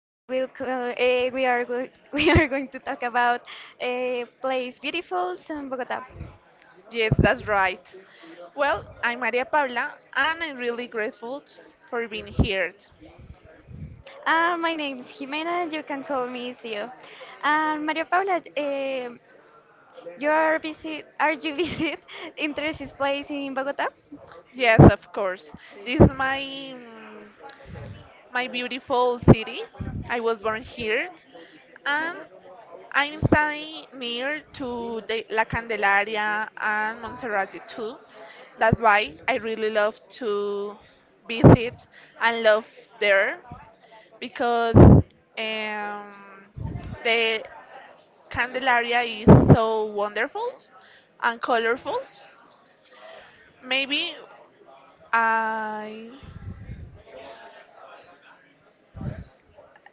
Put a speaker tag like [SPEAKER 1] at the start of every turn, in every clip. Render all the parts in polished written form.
[SPEAKER 1] Today we'll, co- we are go- we are going to talk about a place beautiful in Bogota.
[SPEAKER 2] Yes, that's right. Well, I'm Maria Paula, and I'm really grateful for being here.
[SPEAKER 1] My name is Jimena. You can call me Sio. And Maria Paula, you are visit are you visit interested place in Bogota?
[SPEAKER 2] Yes, of course. This is my my beautiful city. I was born here, and I'm staying near to the La Candelaria and Montserrat too. That's why I really love to visit and love there because um, the Candelaria is so wonderful and colorful. Maybe I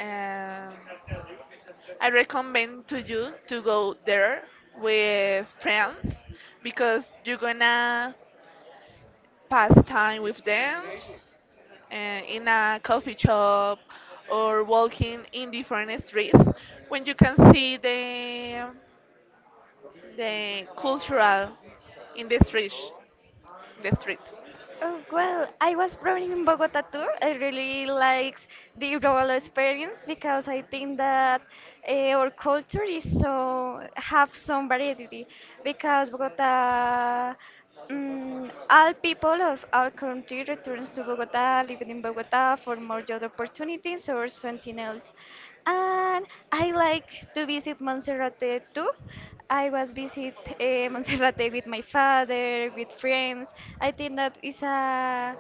[SPEAKER 2] um, I recommend to you to go there with friends because you're gonna pass time with them in a coffee shop or walking in different streets when you can see the cultural in the street.
[SPEAKER 1] Oh, well, I was born in Bogota too. I really likes the rural experience because I think that uh, our culture is so have some variety because Bogota, all people of our country returns to Bogota, living in Bogota for more job opportunities or something else.
[SPEAKER 2] Uh,
[SPEAKER 1] And I like to visit Monserrate too. I was visit Monserrate with my father, with friends. I think that is a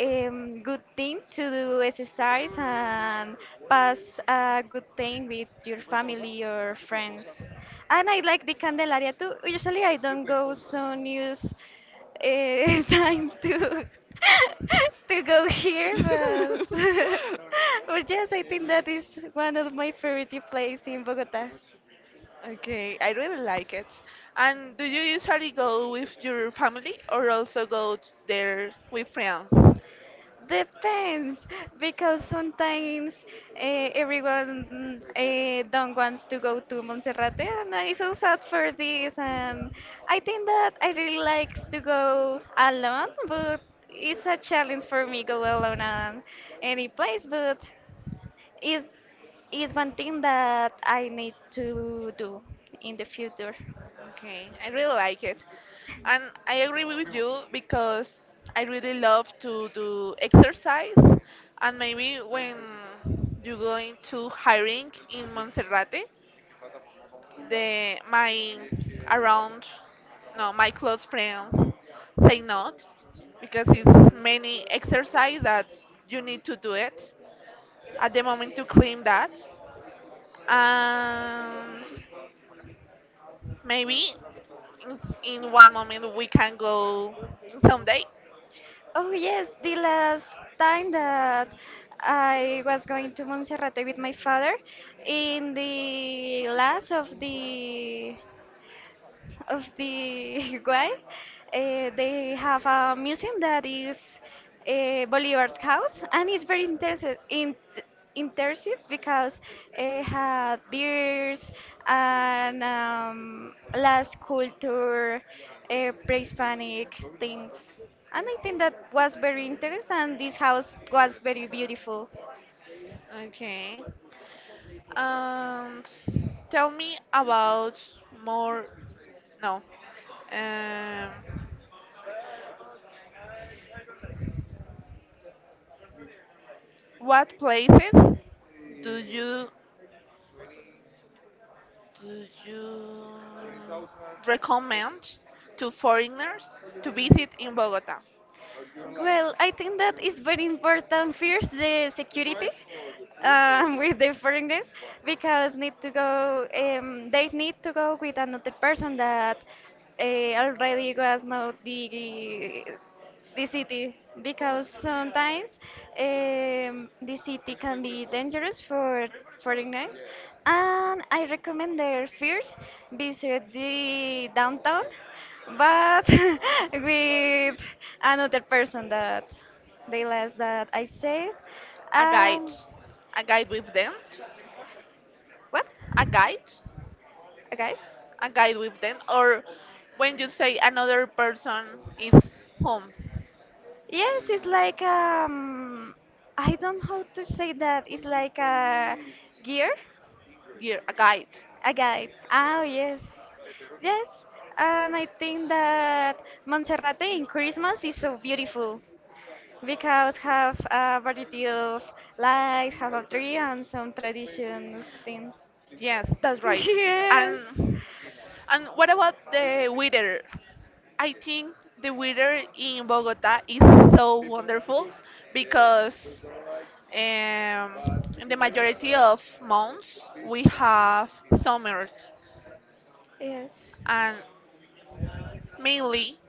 [SPEAKER 1] good thing to do exercise and pass a good time with your family or friends. And I like the Candelaria too. Usually I don't go so news time to
[SPEAKER 2] here.
[SPEAKER 1] to go here,
[SPEAKER 2] But
[SPEAKER 1] but but yes, I think that is one of my favorite places in Bogota.
[SPEAKER 2] Okay, I really like it. And do you usually go with your family or also go there with friends?
[SPEAKER 1] Depends, because sometimes everyone don't wants to go to Monserrate, and I'm so sad for this. And I think that I really likes to go alone, but it's a challenge for me go alone on any place. But is is one thing that I need to do in the future.
[SPEAKER 2] Okay, I really like it. And I agree with you because I really love to do exercise. And maybe when you going to hiring in Monserrate, the my around no my close friends say not because it's many exercise that you need to do it at the moment to clean that and maybe in, in one moment we can go someday.
[SPEAKER 1] Oh yes, the last time that I was going to Monserrate with my father in the last of the Uruguay. They have a museum that is Bolivar's house, and it's very interesting. Intensive because it had beers and last culture, pre-Hispanic things, and I think that was very interesting. And this house was very beautiful.
[SPEAKER 2] Okay, and tell me about more no, um, what places do you recommend to foreigners to visit in Bogota?
[SPEAKER 1] Well, I think that is very important. First, the security, with the foreigners, because need to go. They need to go with another person that already was not the city because sometimes, the city can be dangerous for foreigners, and I recommend their first visit the downtown but with another person that they last that I said,
[SPEAKER 2] A guide,
[SPEAKER 1] um,
[SPEAKER 2] a guide with them,
[SPEAKER 1] what
[SPEAKER 2] a guide,
[SPEAKER 1] a guide
[SPEAKER 2] a guide with them, or when you say another person is home,
[SPEAKER 1] yes it's like I don't know how to say that it's like a gear.
[SPEAKER 2] yeah, a guide.
[SPEAKER 1] A guide. Oh, yes. Yes. And I think that Monserrate in Christmas is so beautiful because have a variety of lights, have a tree and some traditions things.
[SPEAKER 2] Yes, that's right.
[SPEAKER 1] Yes.
[SPEAKER 2] And and what about the weather? I think the weather in Bogota is so wonderful because in the majority of months we have summers,
[SPEAKER 1] Yes.
[SPEAKER 2] and mainly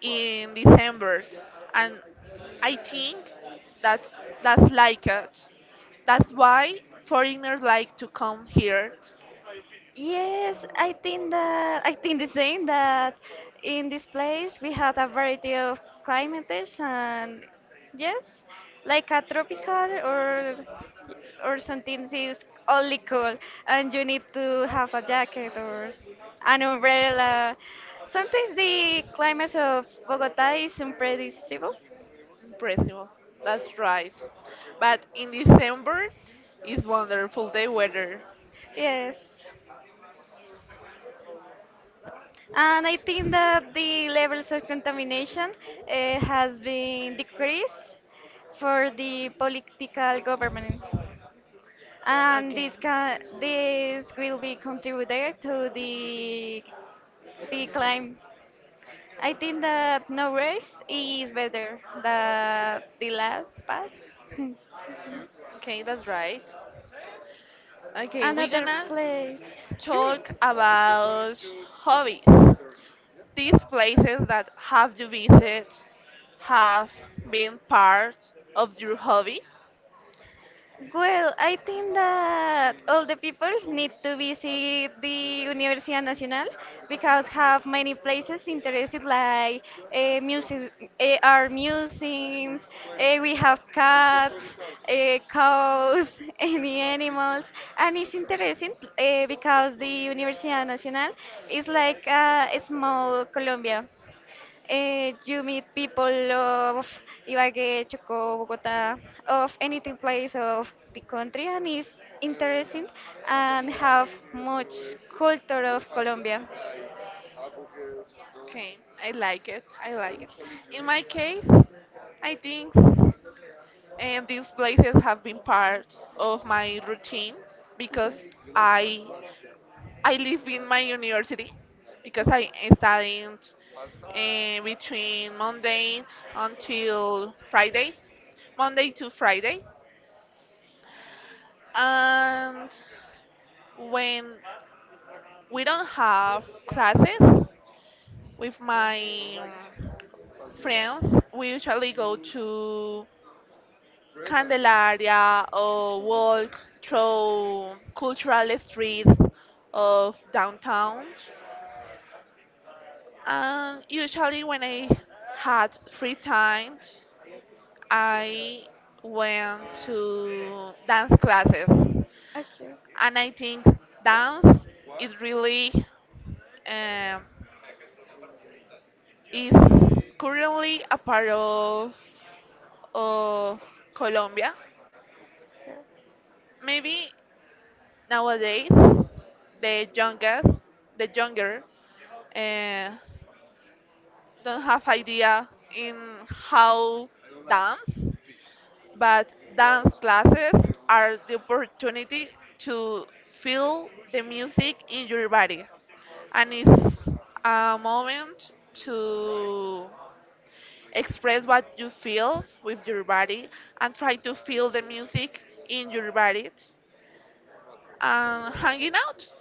[SPEAKER 2] in December, and I think that's that's like it. That's why foreigners like to come here
[SPEAKER 1] Yes, I think that I think the same that in this place we had a variety of climates and yes, like a tropical or something that is only cool and you need to have a jacket or an umbrella. Sometimes the climate of Bogota is unpredictable.
[SPEAKER 2] in Brazil. That's right. But in December is wonderful day weather.
[SPEAKER 1] Yes. And I think that the levels of contamination has been decreased for the political governments. And
[SPEAKER 2] Okay.
[SPEAKER 1] this will be contributed to the climb. I think that no race is better than the last pass.
[SPEAKER 2] Okay, that's right. Okay, we're
[SPEAKER 1] Another
[SPEAKER 2] gonna
[SPEAKER 1] place.
[SPEAKER 2] talk about hobbies. These places that have you visited have been part of your hobby?
[SPEAKER 1] Well, I think that all the people need to visit the Universidad Nacional because have many places interested like music, art museums, we have cats, cows, any animals, and it's interesting because the Universidad Nacional is like a small Colombia. You meet people of Ibagué, Chocó, Bogota, of anything place of the country, and it's interesting and have much culture of Colombia.
[SPEAKER 2] Okay, I like it. I like it. In my case, I think and these places have been part of my routine because I I live in my university because I studied between Monday until Friday, Monday to Friday, and when we don't have classes with my friends. We usually go to Candelaria or walk through cultural streets of downtown. And usually, when I had free time, I went to dance classes.
[SPEAKER 1] Okay.
[SPEAKER 2] And I think dance is really um, is currently a part of Colombia.
[SPEAKER 1] Sure.
[SPEAKER 2] Maybe nowadays the youngest, the younger, uh, don't have idea in how dance, but dance classes are the opportunity to feel the music in your body, and it's a moment to express what you feel with your body and try to feel the music in your body. Hanging out?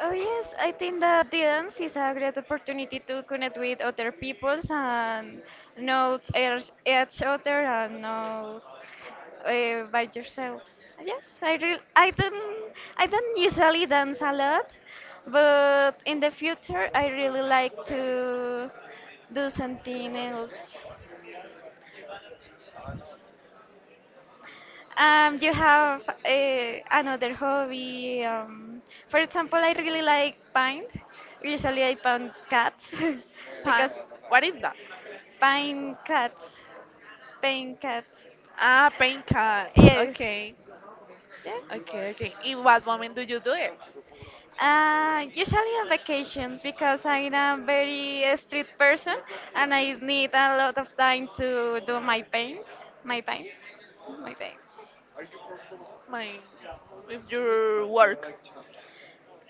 [SPEAKER 1] Oh yes, I think that dance is a great opportunity to connect with other peoples and know each other and know by yourself. Yes, I re I don't I don't usually dance a lot, but in the future I really like to do something else. Do you have another hobby? For example, I really like paint. Usually, I paint cats
[SPEAKER 2] Pan?
[SPEAKER 1] because
[SPEAKER 2] What is that?
[SPEAKER 1] paint cats, paint cats.
[SPEAKER 2] Ah, paint cards.
[SPEAKER 1] Yes,
[SPEAKER 2] Okay.
[SPEAKER 1] yes.
[SPEAKER 2] Okay, okay. In what moment do you do it?
[SPEAKER 1] Usually on vacations because I'm a very street person and I need a lot of time to do my paints, my paints.
[SPEAKER 2] My, with your work.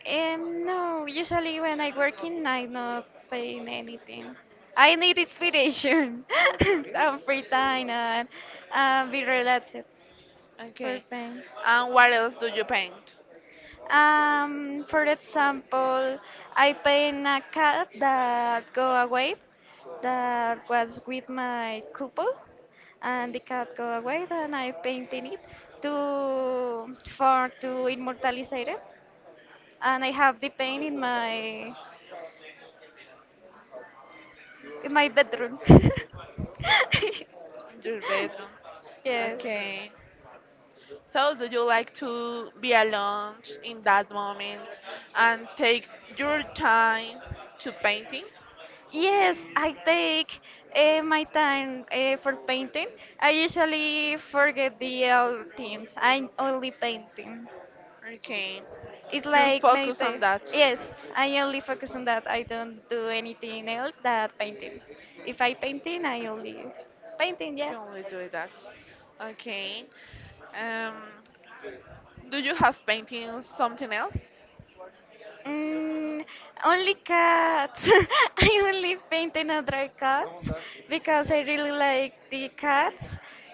[SPEAKER 1] No, usually when I work in, I not paying anything. I need inspiration and free time and be relaxed.
[SPEAKER 2] Okay.
[SPEAKER 1] Perfect.
[SPEAKER 2] And what else do you paint?
[SPEAKER 1] For example, I paint a cat that go away, that was with my couple, and the cat go away, and I painted it to for to immortalize it, and I have the paint in my bedroom.
[SPEAKER 2] In your bedroom.
[SPEAKER 1] Yes.
[SPEAKER 2] Okay. So, do you like to be alone in that moment and take your time to painting?
[SPEAKER 1] Yes, I take my time for painting. I usually forget the other things. I only painting.
[SPEAKER 2] Okay.
[SPEAKER 1] It's
[SPEAKER 2] You're
[SPEAKER 1] like
[SPEAKER 2] focused on
[SPEAKER 1] meditate.
[SPEAKER 2] that.
[SPEAKER 1] Yes, I only focus on that. I don't do anything else that painting. If I painting, I only painting. Yeah.
[SPEAKER 2] You only do that. Okay. Um, do you have painting something else?
[SPEAKER 1] Mm, only cats. I only paint another cats because I really like the cats.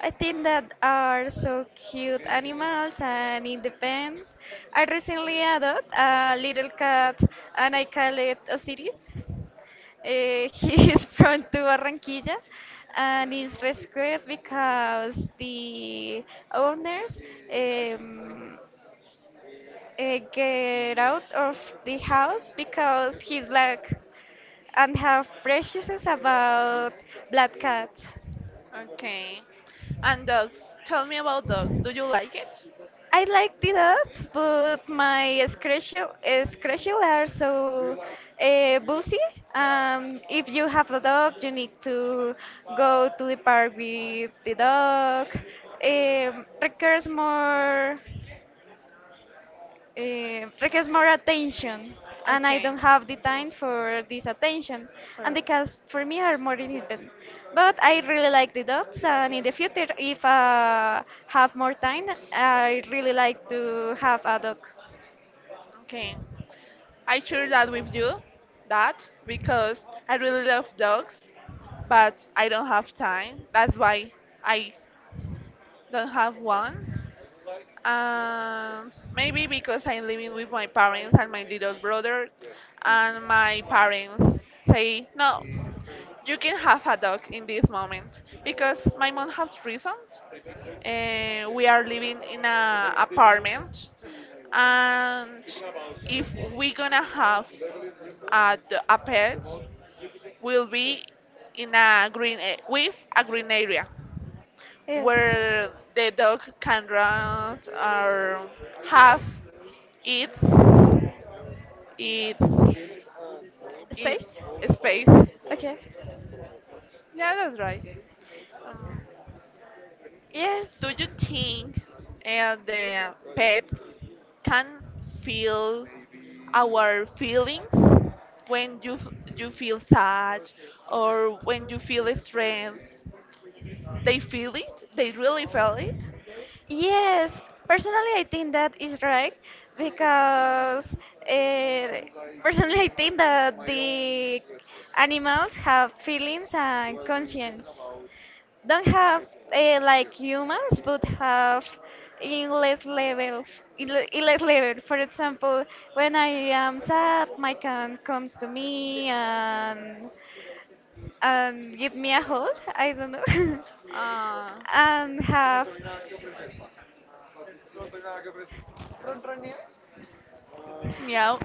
[SPEAKER 1] I think that are so cute animals and independent. I recently adopted a little cat and I call it Osiris. He is from to Barranquilla and is rescued because the owners, um, get out of the house because he's black and have prejudices about black cats.
[SPEAKER 2] Okay. And dogs. Tell me about dogs. Do you like it?
[SPEAKER 1] I like the dogs, but schedule are so busy. If you have a dog, you need to go to the park with the dog. Um requires more. Requires more attention and I
[SPEAKER 2] Okay.
[SPEAKER 1] don't have the time for this attention, and
[SPEAKER 2] For-
[SPEAKER 1] the cats for me are more independent, but I really like the dogs, and in the future if I have more time I really like to have a dog.
[SPEAKER 2] Okay. I share that with you, that because I really love dogs, but I don't have time. That's why I don't have one. And maybe because I'm living with my parents and my little brother, and my parents say, no, you can have a dog in this moment because my mom has reasons. We are living in an apartment, and if we're gonna have uh, a pet will be in a with a green area
[SPEAKER 1] Yes,
[SPEAKER 2] where the dog can run or have its its
[SPEAKER 1] space.
[SPEAKER 2] its space.
[SPEAKER 1] Okay.
[SPEAKER 2] Yeah, that's right. Um,
[SPEAKER 1] Yes.
[SPEAKER 2] do you think the pets can feel our feelings when you feel sad or when you feel strength, they feel it, they really feel it.
[SPEAKER 1] Yes, personally, I think that is right because uh, personally, I think that the animals have feelings and conscience. Don't have like humans, but have in less level, in less level. For example, when I am sad, my cat comes to me and give me a hug. I don't know,
[SPEAKER 2] Uh,
[SPEAKER 1] and have.
[SPEAKER 2] meow.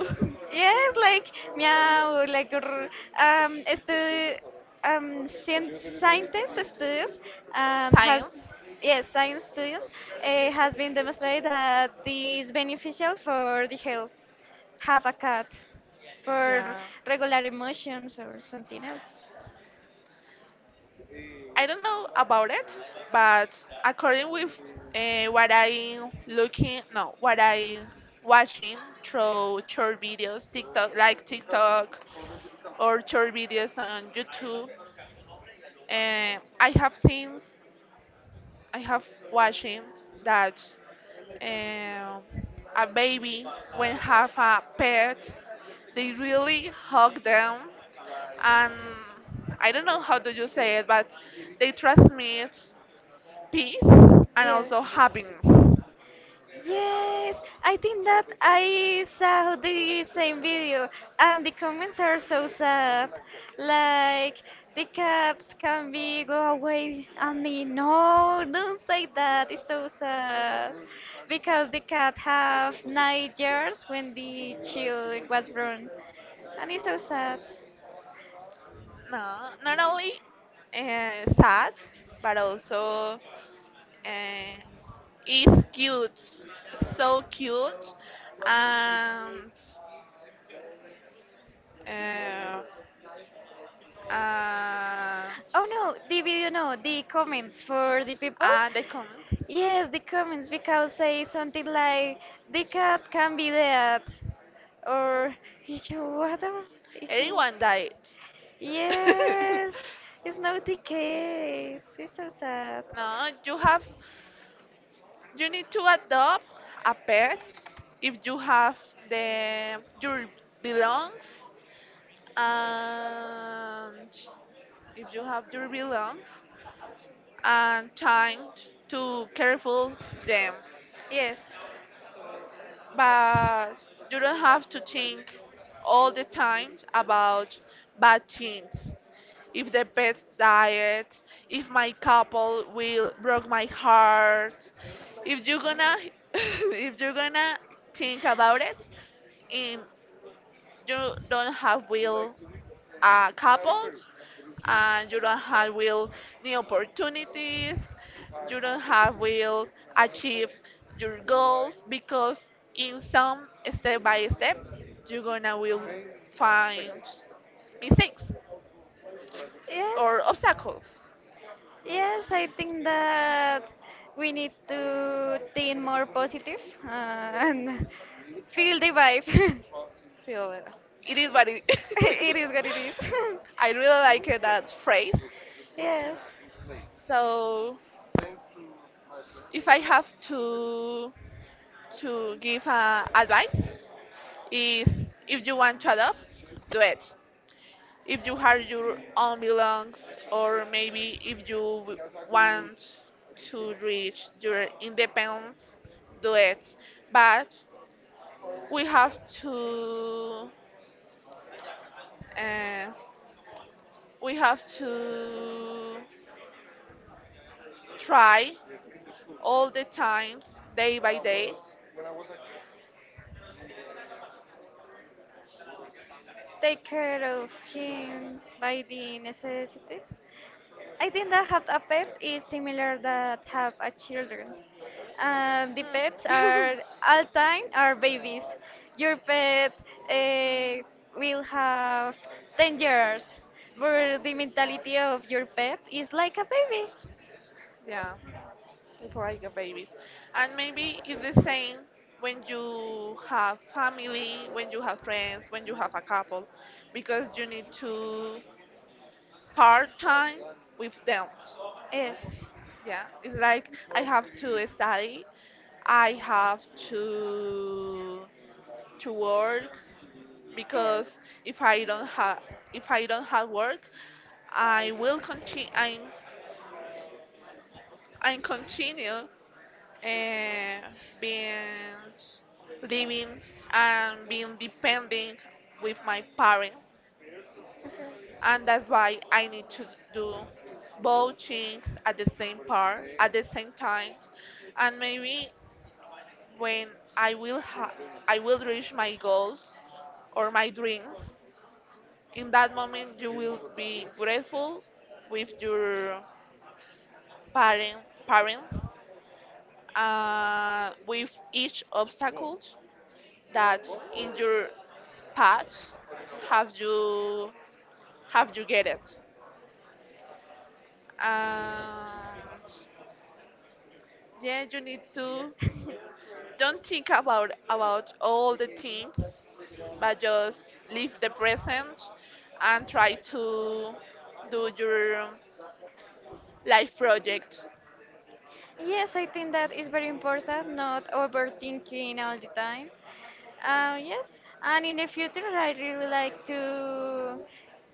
[SPEAKER 1] Yes, like meow, like grr. um, este, scientific studies
[SPEAKER 2] Times,
[SPEAKER 1] has yes, science studies has been demonstrated that is beneficial for the health. Have a cat for
[SPEAKER 2] yeah,
[SPEAKER 1] regular emotions or something else.
[SPEAKER 2] I don't know about it, but according with what I looking no what I watching through short videos TikTok like TikTok or short videos on YouTube, I have seen, I have watching that um, a baby when have a pet, they really hug them, and I don't know how do you say it, but they transmit peace and
[SPEAKER 1] Yes.
[SPEAKER 2] also happiness.
[SPEAKER 1] Yes, I think that I saw the same video, and the comments are so sad. Like the cats can be go away, and me no, don't say that. It's so sad because the cat have 9 years when the child was born, and it's so sad.
[SPEAKER 2] No, not only sad, but also uh, it's cute, it's so cute, and uh, and
[SPEAKER 1] Oh no, the video, no, the comments for the people.
[SPEAKER 2] and they comment.
[SPEAKER 1] Yes, the comments because say something like the cat can be dead or it's what am- you?
[SPEAKER 2] Anyone died.
[SPEAKER 1] Yes, it's not the case. It's so sad.
[SPEAKER 2] No, you have, you need to adopt a pet if you have the your belongs, and if you have your belongs and time to careful them.
[SPEAKER 1] Yes.
[SPEAKER 2] But you don't have to think all the time about bad things. If the pet diet, if my couple will broke my heart. If you're gonna if you're gonna think about it and you don't have will couples, and you don't have will new opportunities, you don't have will achieve your goals because in some step by step you're gonna will find mistakes or
[SPEAKER 1] Yes.
[SPEAKER 2] obstacles.
[SPEAKER 1] Yes, I think that we need to think more positive, uh, and feel the vibe.
[SPEAKER 2] Feel it. It is what it.
[SPEAKER 1] It is what it is.
[SPEAKER 2] I really like it, that phrase.
[SPEAKER 1] Yes.
[SPEAKER 2] So if I have to give advice, is if you want to adopt, do it. If you have your own belongings, or maybe if you want to reach your independence, do it. But we have to uh, we have to try all the times, day by day.
[SPEAKER 1] Take care of him by the necessities. I think that have a pet is similar that have a children. The pets
[SPEAKER 2] Hmm.
[SPEAKER 1] are all time are babies. Your pet uh, will have 10 years, but the mentality of your pet is like a baby.
[SPEAKER 2] Yeah, before I get babies. And maybe it's the same when you have family, when you have friends, when you have a couple, because you need to part time with them.
[SPEAKER 1] Yes,
[SPEAKER 2] Yeah, it's like I have to study, I have to to work, because
[SPEAKER 1] yes.
[SPEAKER 2] if I don't have if I don't have work, I will continue. I'm continue uh, being living and being depending with my parents, and that's why I need to do both things at the same part at the same time, and maybe when I will ha- I will reach my goals or my dreams, in that moment you will be grateful with your parent, parents with each obstacles that in your path have you have you get it, and yeah you need to don't think about all the things but just live the present and try to do your life project.
[SPEAKER 1] Yes, I think that is very important, not overthinking all the time. Yes, and in the future, I really like to,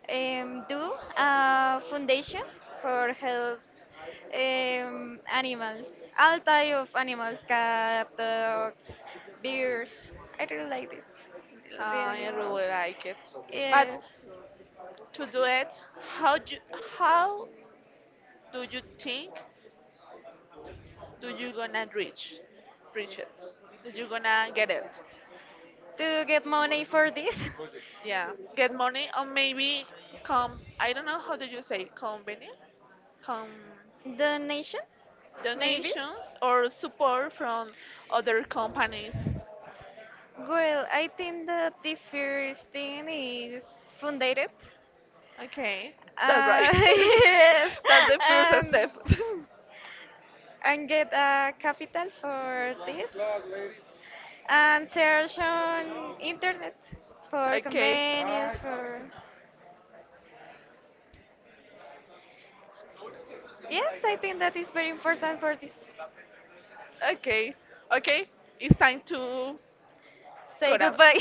[SPEAKER 1] do a foundation for health, animals, all type of animals, cat, dogs, bears. I really like this, the
[SPEAKER 2] Uh, I
[SPEAKER 1] animal.
[SPEAKER 2] really like it. But
[SPEAKER 1] Yes,
[SPEAKER 2] to do it, how how do you think do you gonna reach it? Do you gonna get it?
[SPEAKER 1] to get money for this.
[SPEAKER 2] Yeah, get money or maybe come. I don't know how do you say company come
[SPEAKER 1] Donation, maybe.
[SPEAKER 2] donations or support from other companies.
[SPEAKER 1] Well, I think that the first thing is funded.
[SPEAKER 2] Okay, that's right.
[SPEAKER 1] Yes,
[SPEAKER 2] That's the first
[SPEAKER 1] and
[SPEAKER 2] step.
[SPEAKER 1] and get a capital for this, and search on internet for
[SPEAKER 2] Okay,
[SPEAKER 1] convenience. For yes, I think that is very important for this.
[SPEAKER 2] okay, okay. It's time to
[SPEAKER 1] Say
[SPEAKER 2] gonna
[SPEAKER 1] goodbye.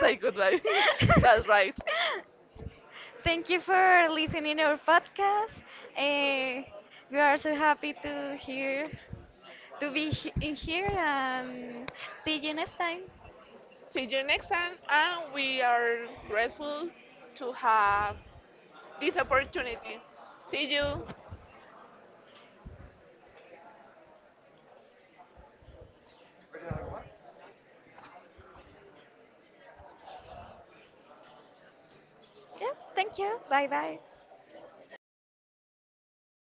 [SPEAKER 2] say goodbye. That's right.
[SPEAKER 1] Thank you for listening our podcast. Eh, we are so happy to hear, in here, and see you next time.
[SPEAKER 2] See you next time, and we are grateful to have this opportunity. See you.
[SPEAKER 1] Yes, thank you. Bye bye.